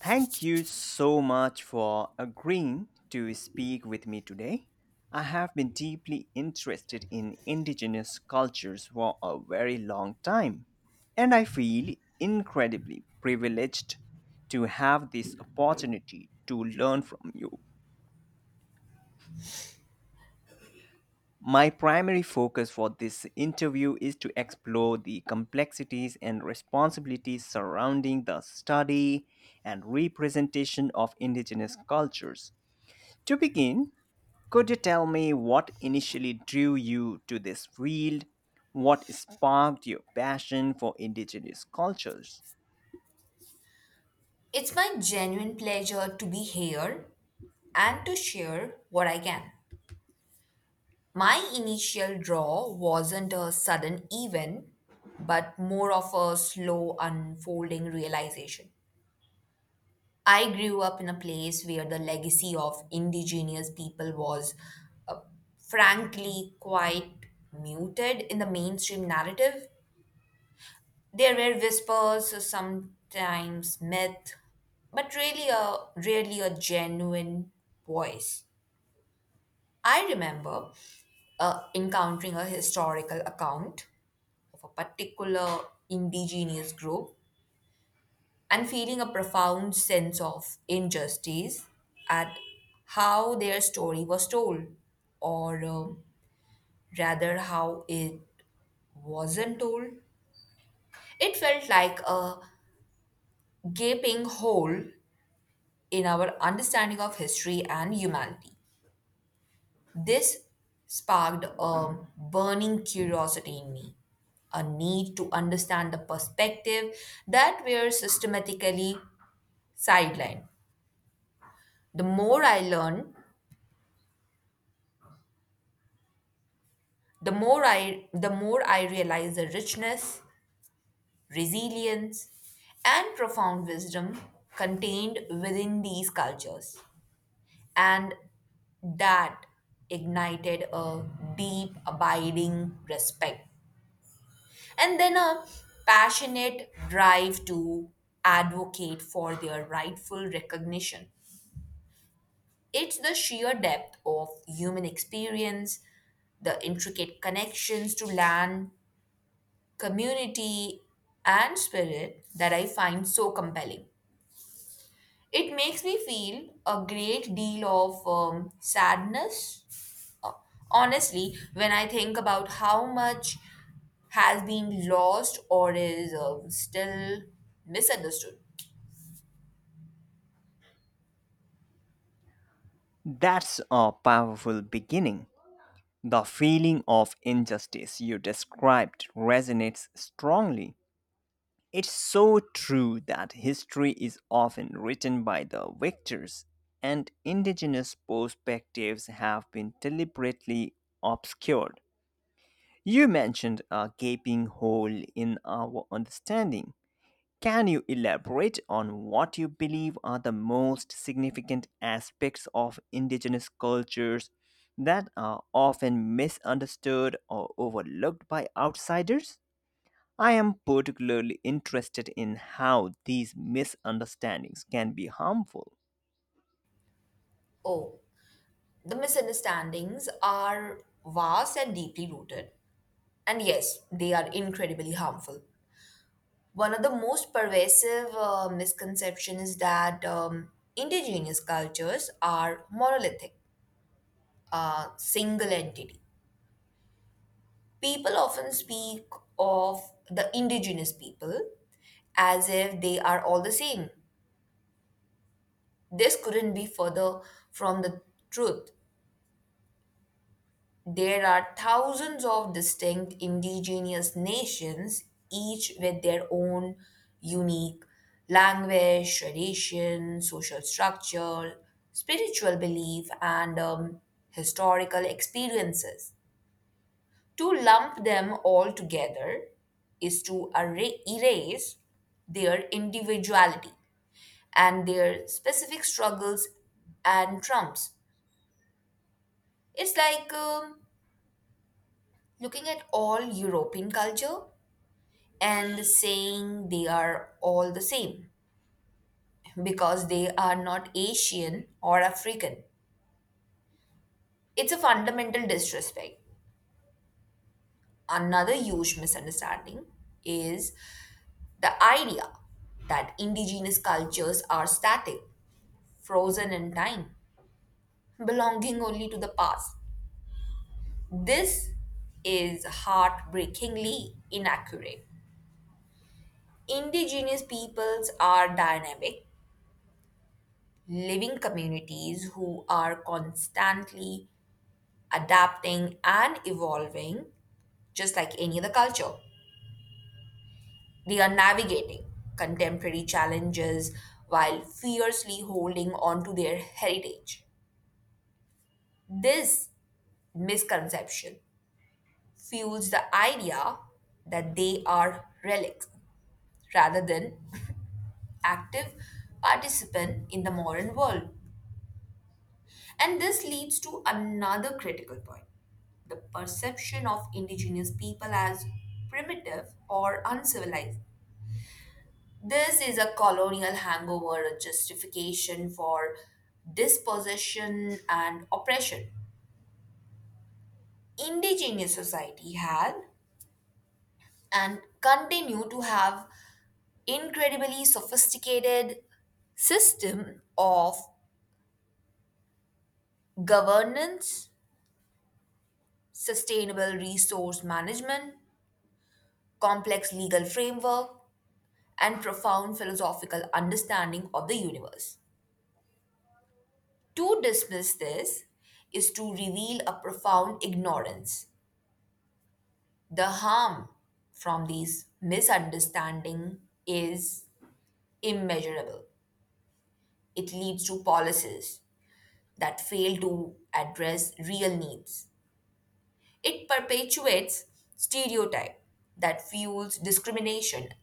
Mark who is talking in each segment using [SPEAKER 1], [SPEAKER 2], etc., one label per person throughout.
[SPEAKER 1] Thank you so much for agreeing to speak with me today. I have been deeply interested in indigenous cultures for a very long time, and I feel incredibly privileged to have this opportunity to learn from you. My primary focus for this interview is to explore the complexities and responsibilities surrounding the study and representation of indigenous cultures. To begin, could you tell me what initially drew you to this field? What sparked your passion for indigenous cultures?
[SPEAKER 2] It's my genuine pleasure to be here and to share what I can. My initial draw wasn't a sudden event, but more of a slow unfolding realization. I grew up in a place where the legacy of indigenous people was uh, frankly quite muted in the mainstream narrative. There were whispers, so sometimes myth, but really a genuine voice. I remember encountering a historical account of a particular indigenous group and feeling a profound sense of injustice at how their story was told, or rather, how it wasn't told. It felt like a gaping hole in our understanding of history and humanity. This sparked a burning curiosity in me, a need to understand the perspective that were systematically sidelined. The more I learned, the more I realized the richness, resilience, and profound wisdom contained within these cultures. And that ignited a deep, abiding respect and then a passionate drive to advocate for their rightful recognition. It's the sheer depth of human experience, the intricate connections to land, community, and spirit that I find so compelling. It makes me feel a great deal of sadness, honestly, when I think about how much has been lost or is still misunderstood.
[SPEAKER 1] That's a powerful beginning. The feeling of injustice you described resonates strongly. It's so true that history is often written by the victors, and indigenous perspectives have been deliberately obscured. You mentioned a gaping hole in our understanding. Can you elaborate on what you believe are the most significant aspects of indigenous cultures that are often misunderstood or overlooked by outsiders? I am particularly interested in how these misunderstandings can be harmful.
[SPEAKER 2] Oh, the misunderstandings are vast and deeply rooted, and yes, they are incredibly harmful. One of the most pervasive misconceptions is that indigenous cultures are monolithic, a single entity. People often speak of the indigenous people as if they are all the same. This couldn't be further from the truth. There are thousands of distinct indigenous nations, each with their own unique language, tradition, social structure, spiritual belief, and historical experiences. To lump them all together is to erase their individuality and their specific struggles and trumps. It's like looking at all European culture and saying they are all the same because they are not Asian or African. It's a fundamental disrespect. Another huge misunderstanding is the idea that indigenous cultures are static, frozen in time, belonging only to the past. This is heartbreakingly inaccurate. Indigenous peoples are dynamic, living communities who are constantly adapting and evolving, just like any other culture. They are navigating contemporary challenges while fiercely holding on to their heritage. This misconception fuels the idea that they are relics rather than active participant in the modern world. And this leads to another critical point: the perception of indigenous people as primitive or uncivilized. This is a colonial hangover, a justification for dispossession and oppression. Indigenous society had and continue to have incredibly sophisticated system of governance, sustainable resource management, complex legal framework, and profound philosophical understanding of the universe. To dismiss this is to reveal a profound ignorance. The harm from these misunderstanding is immeasurable. It leads to policies that fail to address real needs. It perpetuates stereotype that fuels discrimination,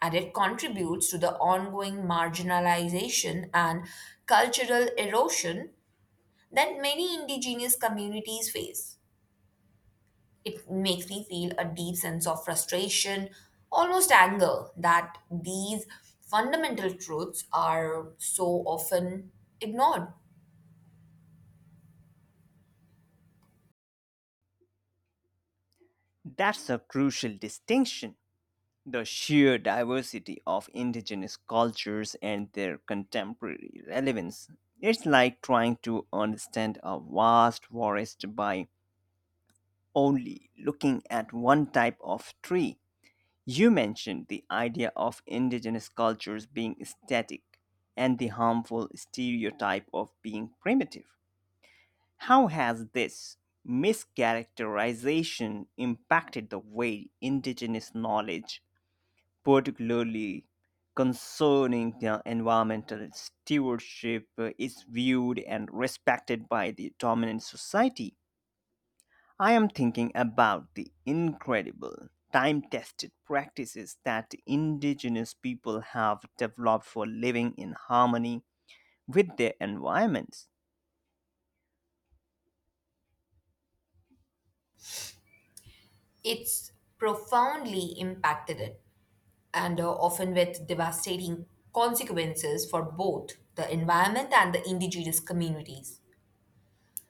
[SPEAKER 2] and it contributes to the ongoing marginalization and cultural erosion that many indigenous communities face. It makes me feel a deep sense of frustration, almost anger, that these fundamental truths are so often ignored.
[SPEAKER 1] That's a crucial distinction. The sheer diversity of indigenous cultures and their contemporary relevance. It's like trying to understand a vast forest by only looking at one type of tree. You mentioned the idea of indigenous cultures being static and the harmful stereotype of being primitive. How has this mischaracterization impacted the way indigenous knowledge, particularly concerning the environmental stewardship, is viewed and respected by the dominant society? I am thinking about the incredible time tested practices that indigenous people have developed for living in harmony with their environments.
[SPEAKER 2] It's profoundly impacted it, and often with devastating consequences for both the environment and the indigenous communities.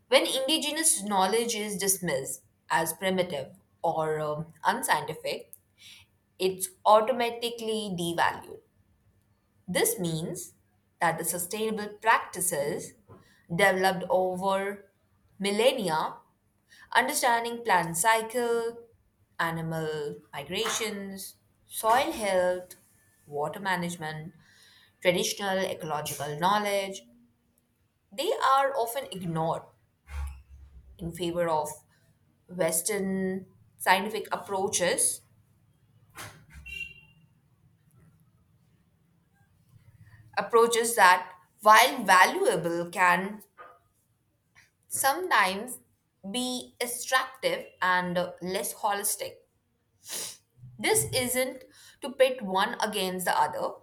[SPEAKER 2] When indigenous knowledge is dismissed as primitive or unscientific, it's automatically devalued. This means that the sustainable practices developed over millennia, understanding plant cycle, animal migrations, soil health, water management, traditional ecological knowledge, they are often ignored in favor of Western scientific approaches, approaches that, while valuable, can sometimes be extractive and less holistic. This isn't to pit one against the other,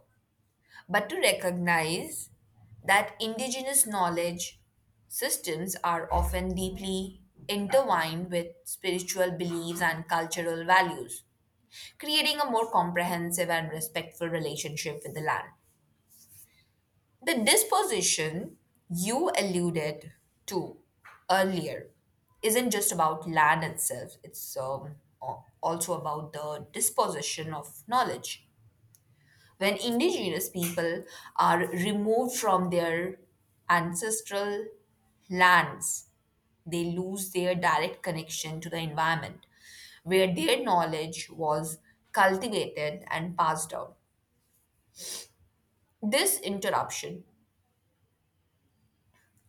[SPEAKER 2] but to recognize that indigenous knowledge systems are often deeply intertwined with spiritual beliefs and cultural values, creating a more comprehensive and respectful relationship with the land. The disposition you alluded to earlier isn't just about land itself, it's also about the disposition of knowledge. When indigenous people are removed from their ancestral lands, they lose their direct connection to the environment where their knowledge was cultivated and passed down. This interruption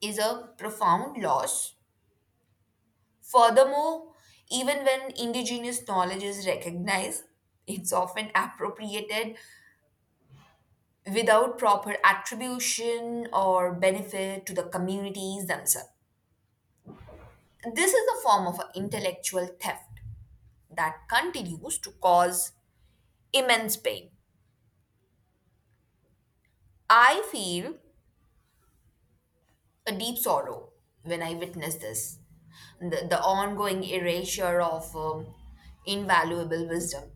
[SPEAKER 2] is a profound loss. Furthermore, even when indigenous knowledge is recognized, it's often appropriated without proper attribution or benefit to the communities themselves. This is a form of intellectual theft that continues to cause immense pain. I feel a deep sorrow when I witness this, the ongoing erasure of invaluable wisdom.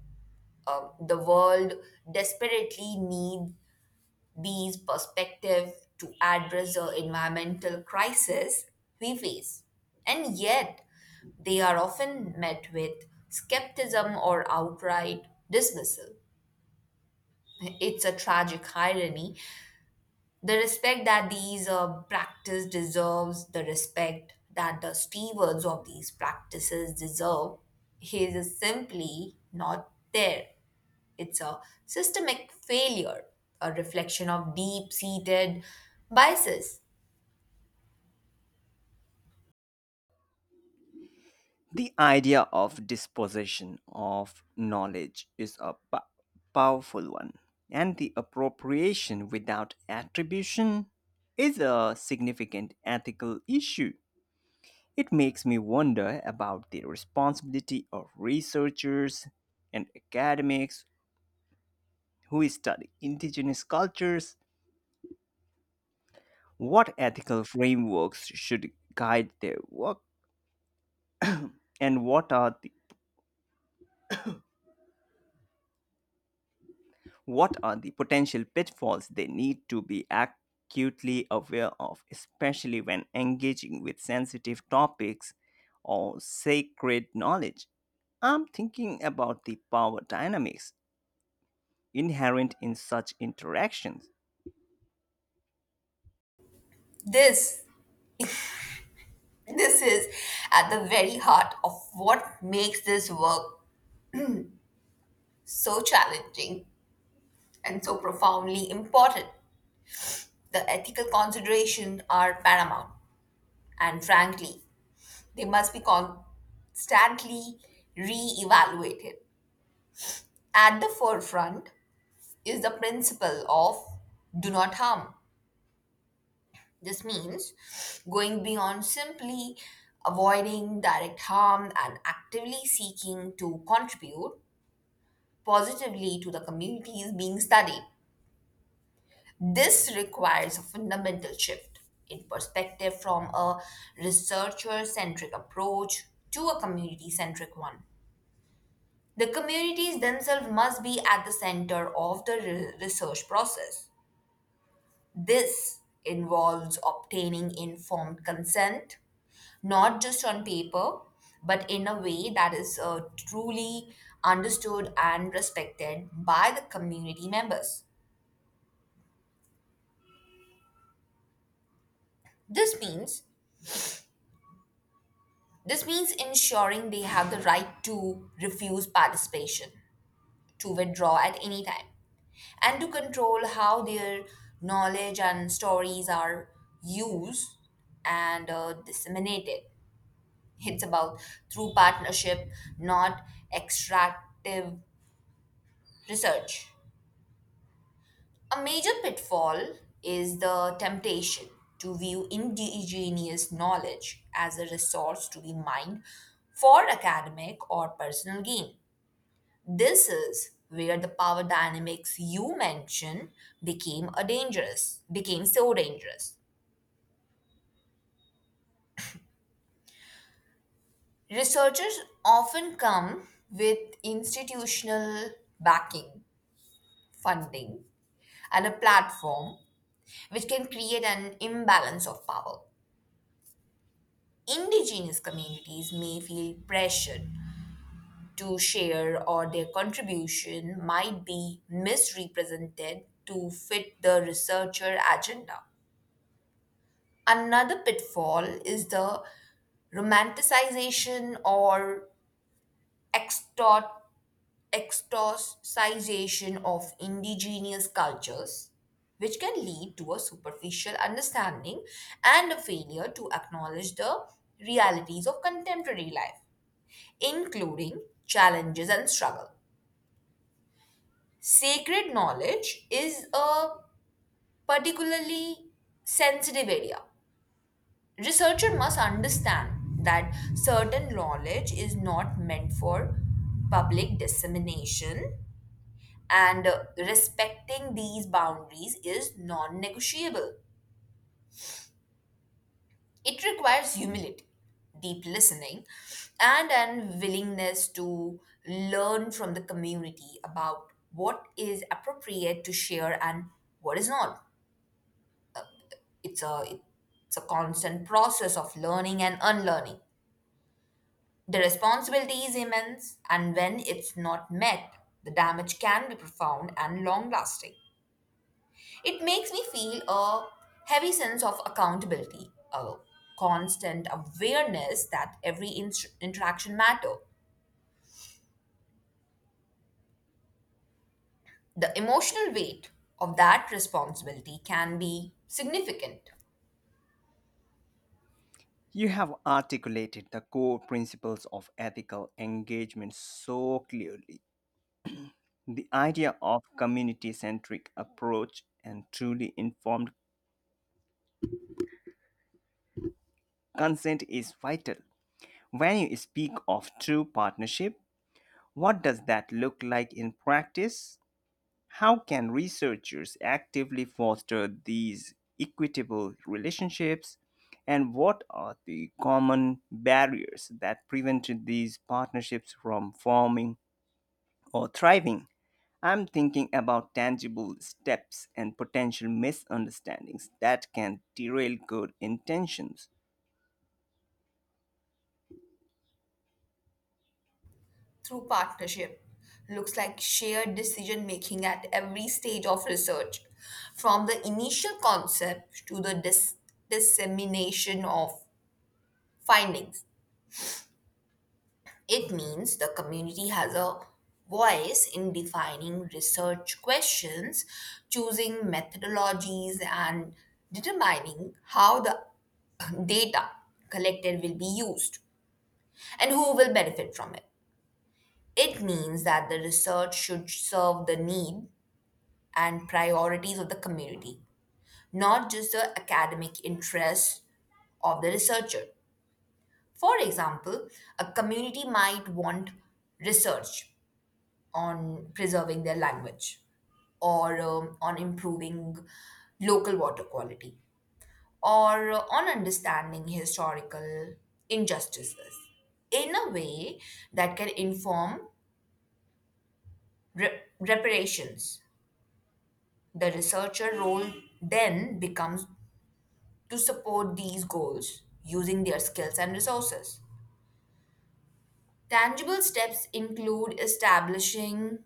[SPEAKER 2] The world desperately needs these perspectives to address the environmental crisis we face. And yet, they are often met with skepticism or outright dismissal. It's a tragic irony. The respect that these practice deserves, the respect that the stewards of these practices deserve, is simply not there. It's a systemic failure, a reflection of deep-seated biases.
[SPEAKER 1] The idea of dispossession of knowledge is a powerful one, and the appropriation without attribution is a significant ethical issue. It makes me wonder about the responsibility of researchers and academics who study indigenous cultures. What ethical frameworks should guide their work, and what are the potential pitfalls they need to be acutely aware of, especially when engaging with sensitive topics or sacred knowledge? I'm thinking about the power dynamics inherent in such interactions.
[SPEAKER 2] This, this is at the very heart of what makes this work so challenging and so profoundly important. The ethical considerations are paramount. And frankly, they must be constantly re-evaluated. At the forefront is the principle of do not harm. This means going beyond simply avoiding direct harm and actively seeking to contribute positively to the communities being studied. This requires a fundamental shift in perspective from a researcher centric approach to a community centric one. The communities themselves must be at the center of the research process. This involves obtaining informed consent, not just on paper, but in a way that is truly understood and respected by the community members. This means this means ensuring they have the right to refuse participation, to withdraw at any time, and to control how their knowledge and stories are used and disseminated. It's about through partnership, not extractive research. A major pitfall is the temptation to view indigenous knowledge as a resource to be mined for academic or personal gain. This is where the power dynamics you mentioned became so dangerous. Researchers often come with institutional backing, funding, and a platform which can create an imbalance of power. Indigenous communities may feel pressured to share, or their contribution might be misrepresented to fit the researcher agenda. Another pitfall is the romanticization or extort, extorticization of indigenous cultures, which can lead to a superficial understanding and a failure to acknowledge the realities of contemporary life, including challenges and struggle. Sacred knowledge is a particularly sensitive area. Researcher must understand that certain knowledge is not meant for public dissemination, and respecting these boundaries is non negotiable. It requires humility, deep listening, and an willingness to learn from the community about what is appropriate to share and what is not. It's a, it's a constant process of learning and unlearning. The responsibility is immense, and when it's not met, the damage can be profound and long lasting. It makes me feel a heavy sense of accountability, a constant awareness that every interaction matters. The emotional weight of that responsibility can be significant.
[SPEAKER 1] You have articulated the core principles of ethical engagement so clearly. The idea of community centric approach and truly informed consent is vital. When you speak of true partnership, what does that look like in practice? How can researchers actively foster these equitable relationships? And what are the common barriers that prevent these partnerships from forming or thriving? I'm thinking about tangible steps and potential misunderstandings that can derail good intentions.
[SPEAKER 2] Through partnership. Looks like shared decision making at every stage of research, from the initial concept to the dissemination of findings. It means the community has a voice in defining research questions, choosing methodologies, and determining how the data collected will be used and who will benefit from it. It means that the research should serve the need and priorities of the community, not just the academic interests of the researcher. For example, a community might want research on preserving their language, or on improving local water quality, or on understanding historical injustices in a way that can inform reparations. The researcher role then becomes to support these goals using their skills and resources. Tangible steps include establishing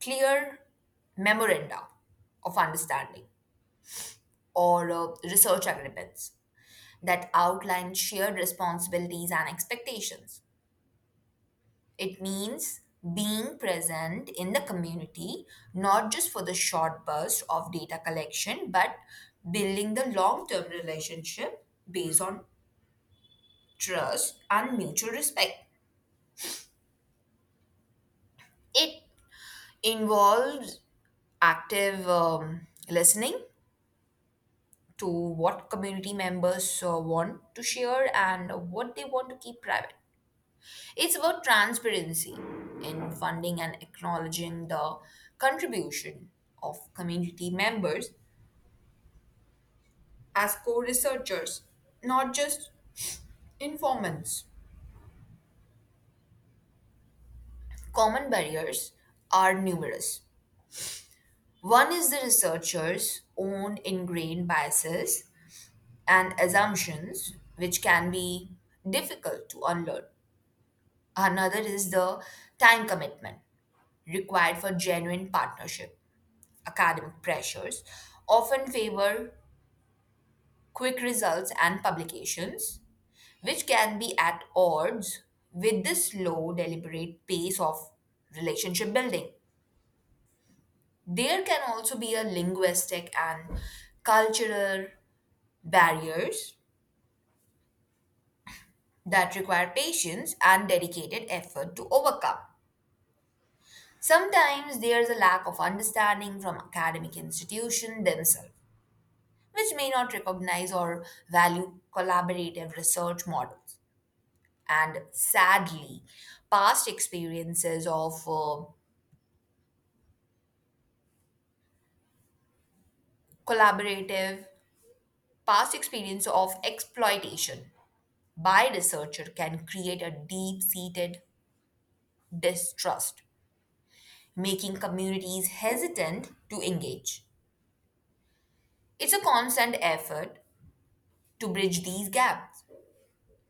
[SPEAKER 2] clear memoranda of understanding or research agreements that outline shared responsibilities and expectations. It means being present in the community, not just for the short burst of data collection, but building the long term relationship based on trust and mutual respect. It involves active listening to what community members want to share and what they want to keep private. It's about transparency in funding and acknowledging the contribution of community members as co researchers, not just informants. Common barriers are numerous. One is the researcher's own ingrained biases and assumptions, which can be difficult to unlearn. Another is the time commitment required for genuine partnership. Academic pressures often favor quick results and publications, which can be at odds with the slow, deliberate pace of relationship building. There can also be a linguistic and cultural barriers that require patience and dedicated effort to overcome. Sometimes there is a lack of understanding from academic institutions themselves, which may not recognize or value collaborative research models. And sadly, past experiences of uh, collaborative, past experience of exploitation by researcher can create a deep-seated distrust, making communities hesitant to engage. It's a constant effort to bridge these gaps,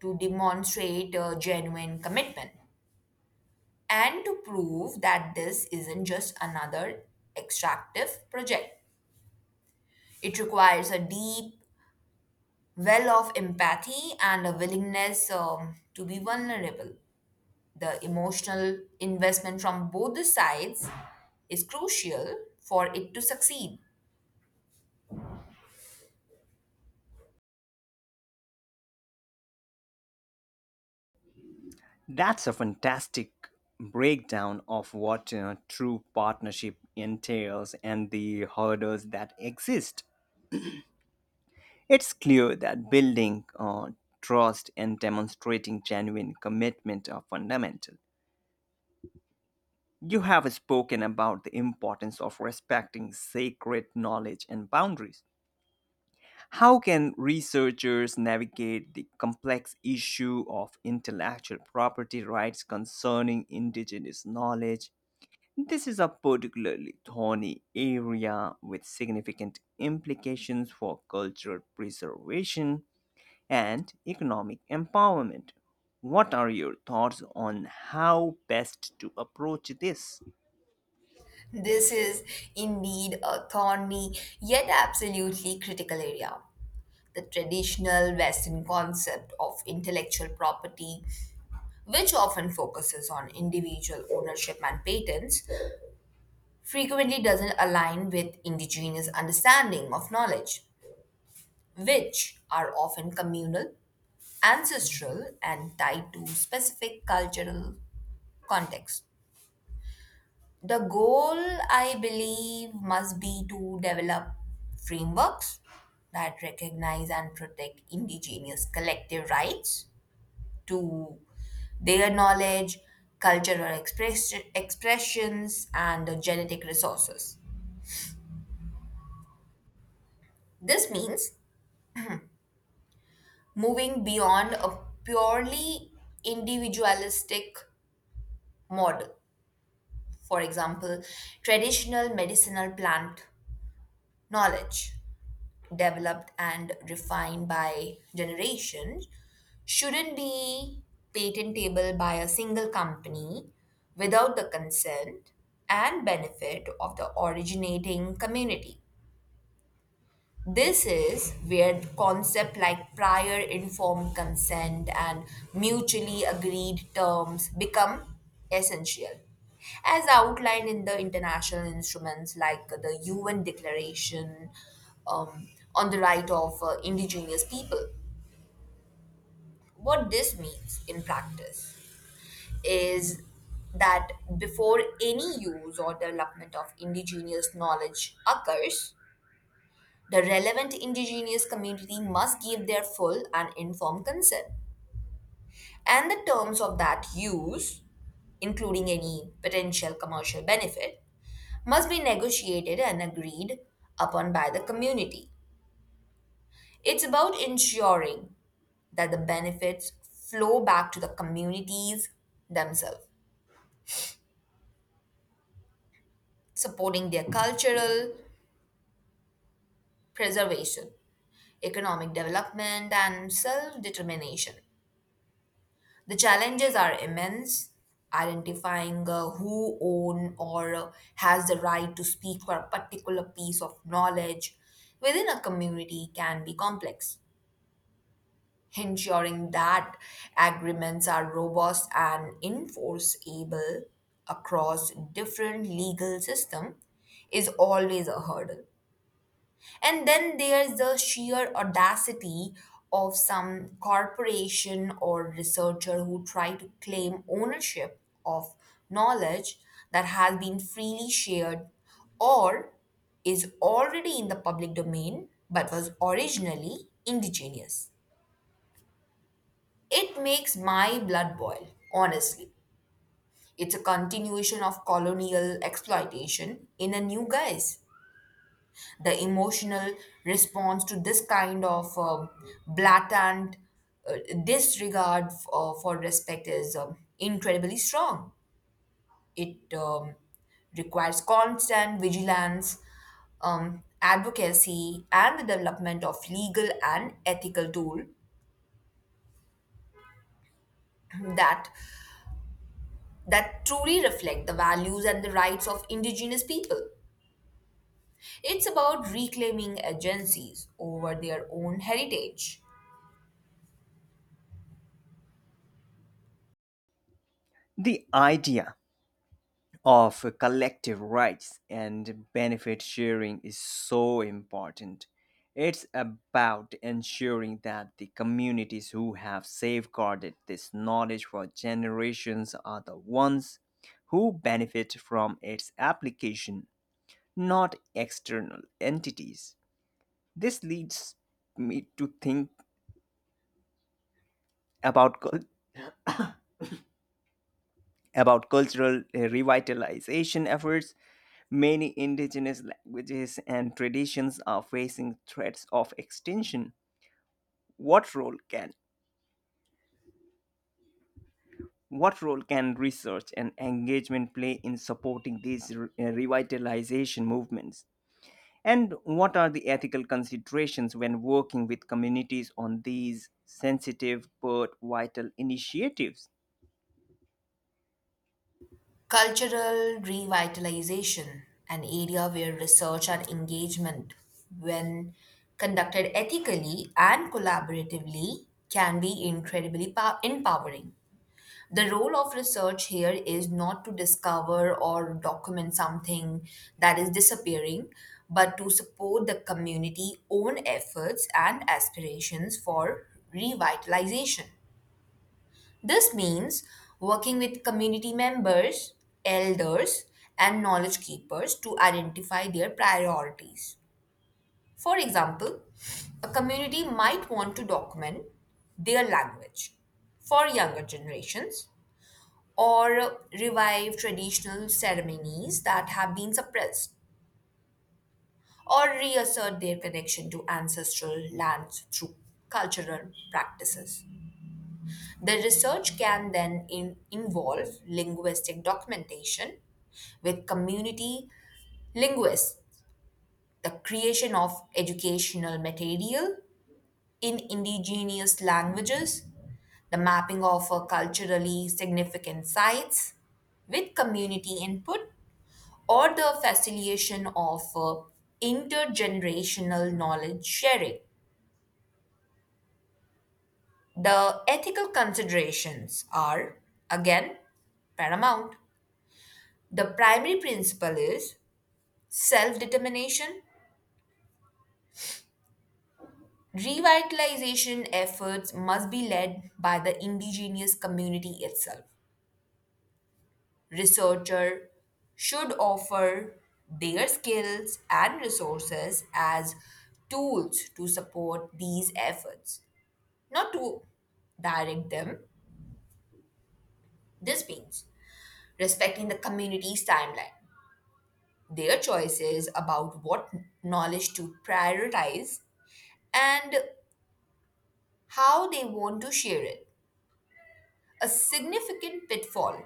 [SPEAKER 2] to demonstrate a genuine commitment, and to prove that this isn't just another extractive project. It requires a deep well of empathy and a willingness to be vulnerable. The emotional investment from both the sides is crucial for it to succeed.
[SPEAKER 1] That's a fantastic breakdown of what true partnership entails and the hurdles that exist. It's clear that building trust and demonstrating genuine commitment are fundamental. You have spoken about the importance of respecting sacred knowledge and boundaries. How can researchers navigate the complex issue of intellectual property rights concerning indigenous knowledge? This is a particularly thorny area with significant implications for cultural preservation and economic empowerment. What are your thoughts on how best to approach this?
[SPEAKER 2] This is indeed a thorny yet absolutely critical area. The traditional Western concept of intellectual property, which often focuses on individual ownership and patents, frequently doesn't align with indigenous understanding of knowledge, which are often communal, ancestral, and tied to specific cultural context. The goal, I believe, must be to develop frameworks that recognize and protect indigenous collective rights to their knowledge, cultural expressions, and the genetic resources. This means moving beyond a purely individualistic model. For example, traditional medicinal plant knowledge developed and refined by generations shouldn't be patentable by a single company without the consent and benefit of the originating community. This is where concepts like prior informed consent and mutually agreed terms become essential, as outlined in the international instruments like the UN Declaration um, on the Right of Indigenous People. What this means in practice is that before any use or development of indigenous knowledge occurs, the relevant indigenous community must give their full and informed consent. And the terms of that use, including any potential commercial benefit, must be negotiated and agreed upon by the community. It's about ensuring that the benefits flow back to the communities themselves, supporting their cultural preservation, economic development, and self determination. The challenges are immense. Identifying who own or has the right to speak for a particular piece of knowledge within a community can be complex. Ensuring that agreements are robust and enforceable across different legal systems is always a hurdle. And then there's the sheer audacity of some corporation or researcher who try to claim ownership of knowledge that has been freely shared or is already in the public domain but was originally indigenous. It makes my blood boil, honestly. It's a continuation of colonial exploitation in a new guise. The emotional response to this kind of blatant uh, disregard for respect is incredibly strong. It requires constant vigilance, advocacy, and the development of legal and ethical tools that that truly reflect the values and the rights of indigenous people. It's about reclaiming agencies over their own heritage.
[SPEAKER 1] The idea of collective rights and benefit sharing is so important. It's about ensuring that the communities who have safeguarded this knowledge for generations are the ones who benefit from its application, not external entities. This leads me to think about about cultural revitalization efforts. Many indigenous languages and traditions are facing threats of extinction. What role can what role can research and engagement play in supporting these revitalization movements? And what are the ethical considerations when working with communities on these sensitive but vital initiatives?
[SPEAKER 2] Cultural revitalization, an area where research and engagement, when conducted ethically and collaboratively, can be incredibly empowering. The role of research here is not to discover or document something that is disappearing, but to support the community own efforts and aspirations for revitalization. This means working with community members, elders, and knowledge keepers to identify their priorities. For example, a community might want to document their language for younger generations, or revive traditional ceremonies that have been suppressed, or reassert their connection to ancestral lands through cultural practices. The research can then involve linguistic documentation with community linguists, the creation of educational material in indigenous languages, the mapping of culturally significant sites with community input, or the facilitation of intergenerational knowledge sharing. The ethical considerations are, again, paramount. The primary principle is self determination. Revitalization efforts must be led by the indigenous community itself. Researchers should offer their skills and resources as tools to support these efforts, not to direct them. This means respecting the community's timeline, their choices about what knowledge to prioritize, and how they want to share it. A significant pitfall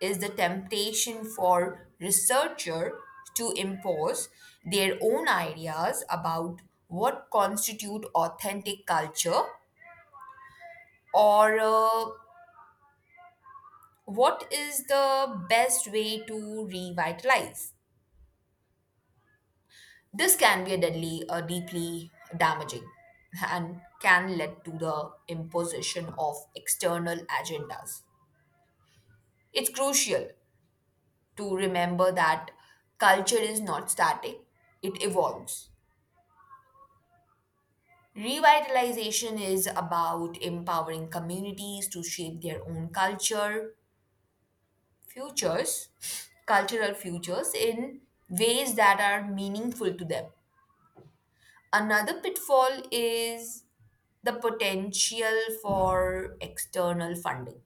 [SPEAKER 2] is the temptation for researcher to impose their own ideas about what constitute authentic culture, or what is the best way to revitalize. This can be a deeply damaging and can lead to the imposition of external agendas. It's crucial to remember that culture is not static, it evolves. Revitalization is about empowering communities to shape their own culture, futures, cultural futures in ways that are meaningful to them. Another pitfall is the potential for external funding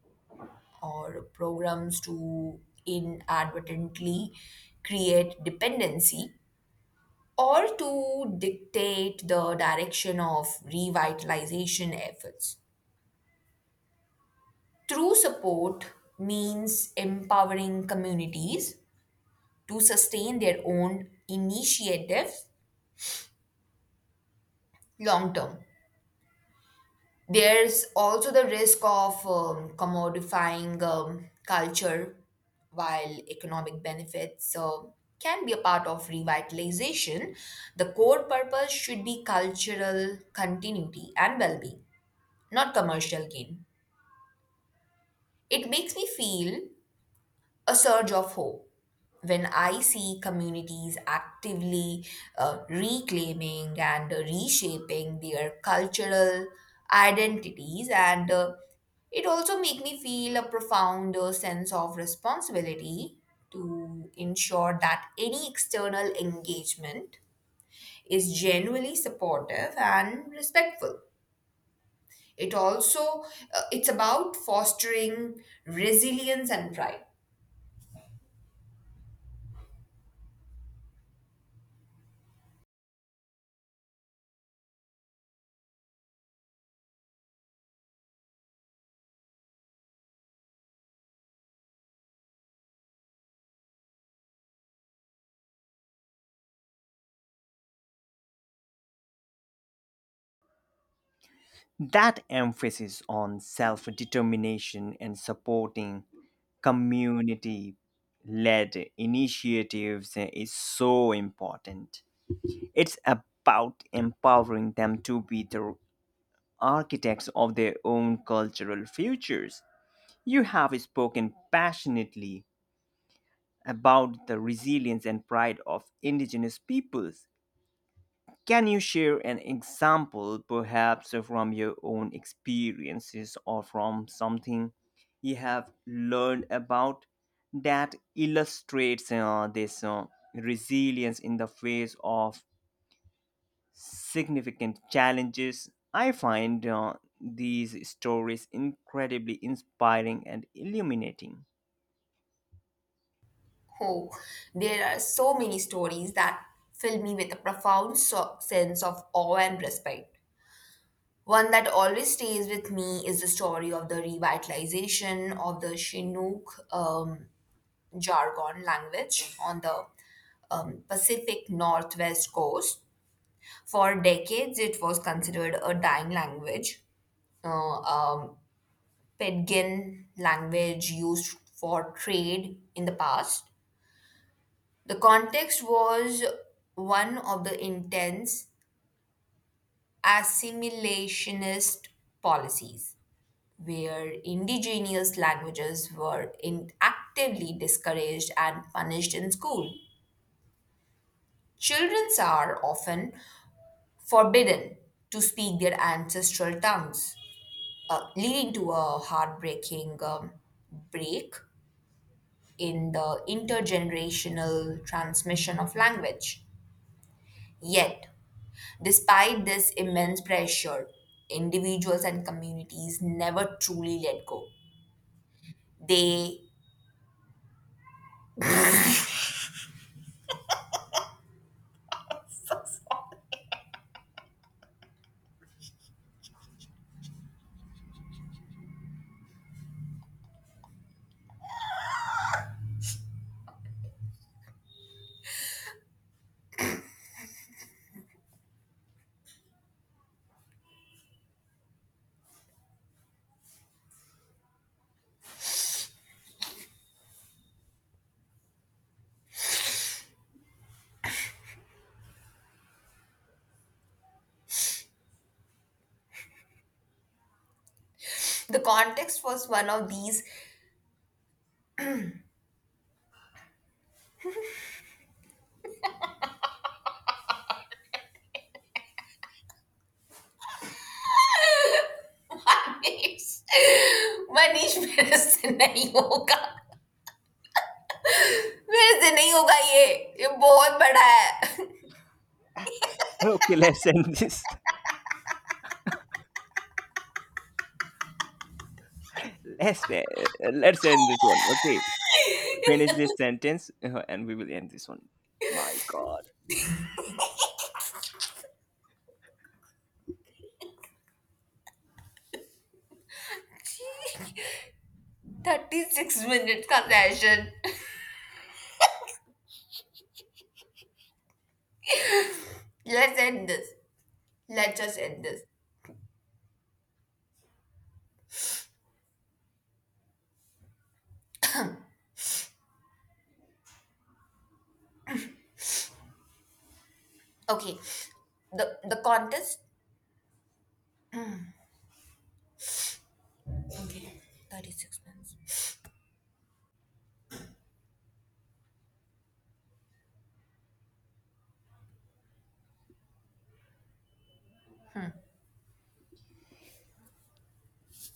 [SPEAKER 2] or programs to inadvertently create dependency all to dictate the direction of revitalization efforts. True support means empowering communities to sustain their own initiatives long term. There's also the risk of commodifying culture. While economic benefits can be a part of revitalization, the core purpose should be cultural continuity and well being, not commercial gain. It makes me feel a surge of hope when I see communities actively reclaiming and reshaping their cultural identities, and it also makes me feel a profound sense of responsibility to ensure that any external engagement is genuinely supportive and respectful. It also it's about fostering resilience and pride.
[SPEAKER 1] That emphasis on self determination and supporting community led initiatives is so important. It's about empowering them to be the architects of their own cultural futures. You have spoken passionately about the resilience and pride of indigenous peoples. Can you share an example, perhaps from your own experiences or from something you have learned about that illustrates this resilience in the face of significant challenges? I find these stories incredibly inspiring and illuminating.
[SPEAKER 2] Oh, there are so many stories that fill me with a profound sense of awe and respect. One that always stays with me is the story of the revitalization of the Chinook jargon language on the Pacific Northwest coast. For decades, it was considered a dying language, uh, um, pidgin language used for trade in the past. The context was one of the intense assimilationist policies, where indigenous languages were in actively discouraged and punished in school. Children are often forbidden to speak their ancestral tongues, leading to a heartbreaking break in the intergenerational transmission of language. Yet, despite this immense pressure, individuals and communities never truly let go. They the context was one of these Manish, Manish मेरे से नहीं होगा मेरे से नहीं होगा ये ये बहुत बड़ा है
[SPEAKER 1] Okay, let's end this. Let's uh, let's end this one. Okay. Finish this sentence and we will end this one. My God.
[SPEAKER 2] Thirty six minute का session let's end this let's just end this okay the the contest okay thirty six minutes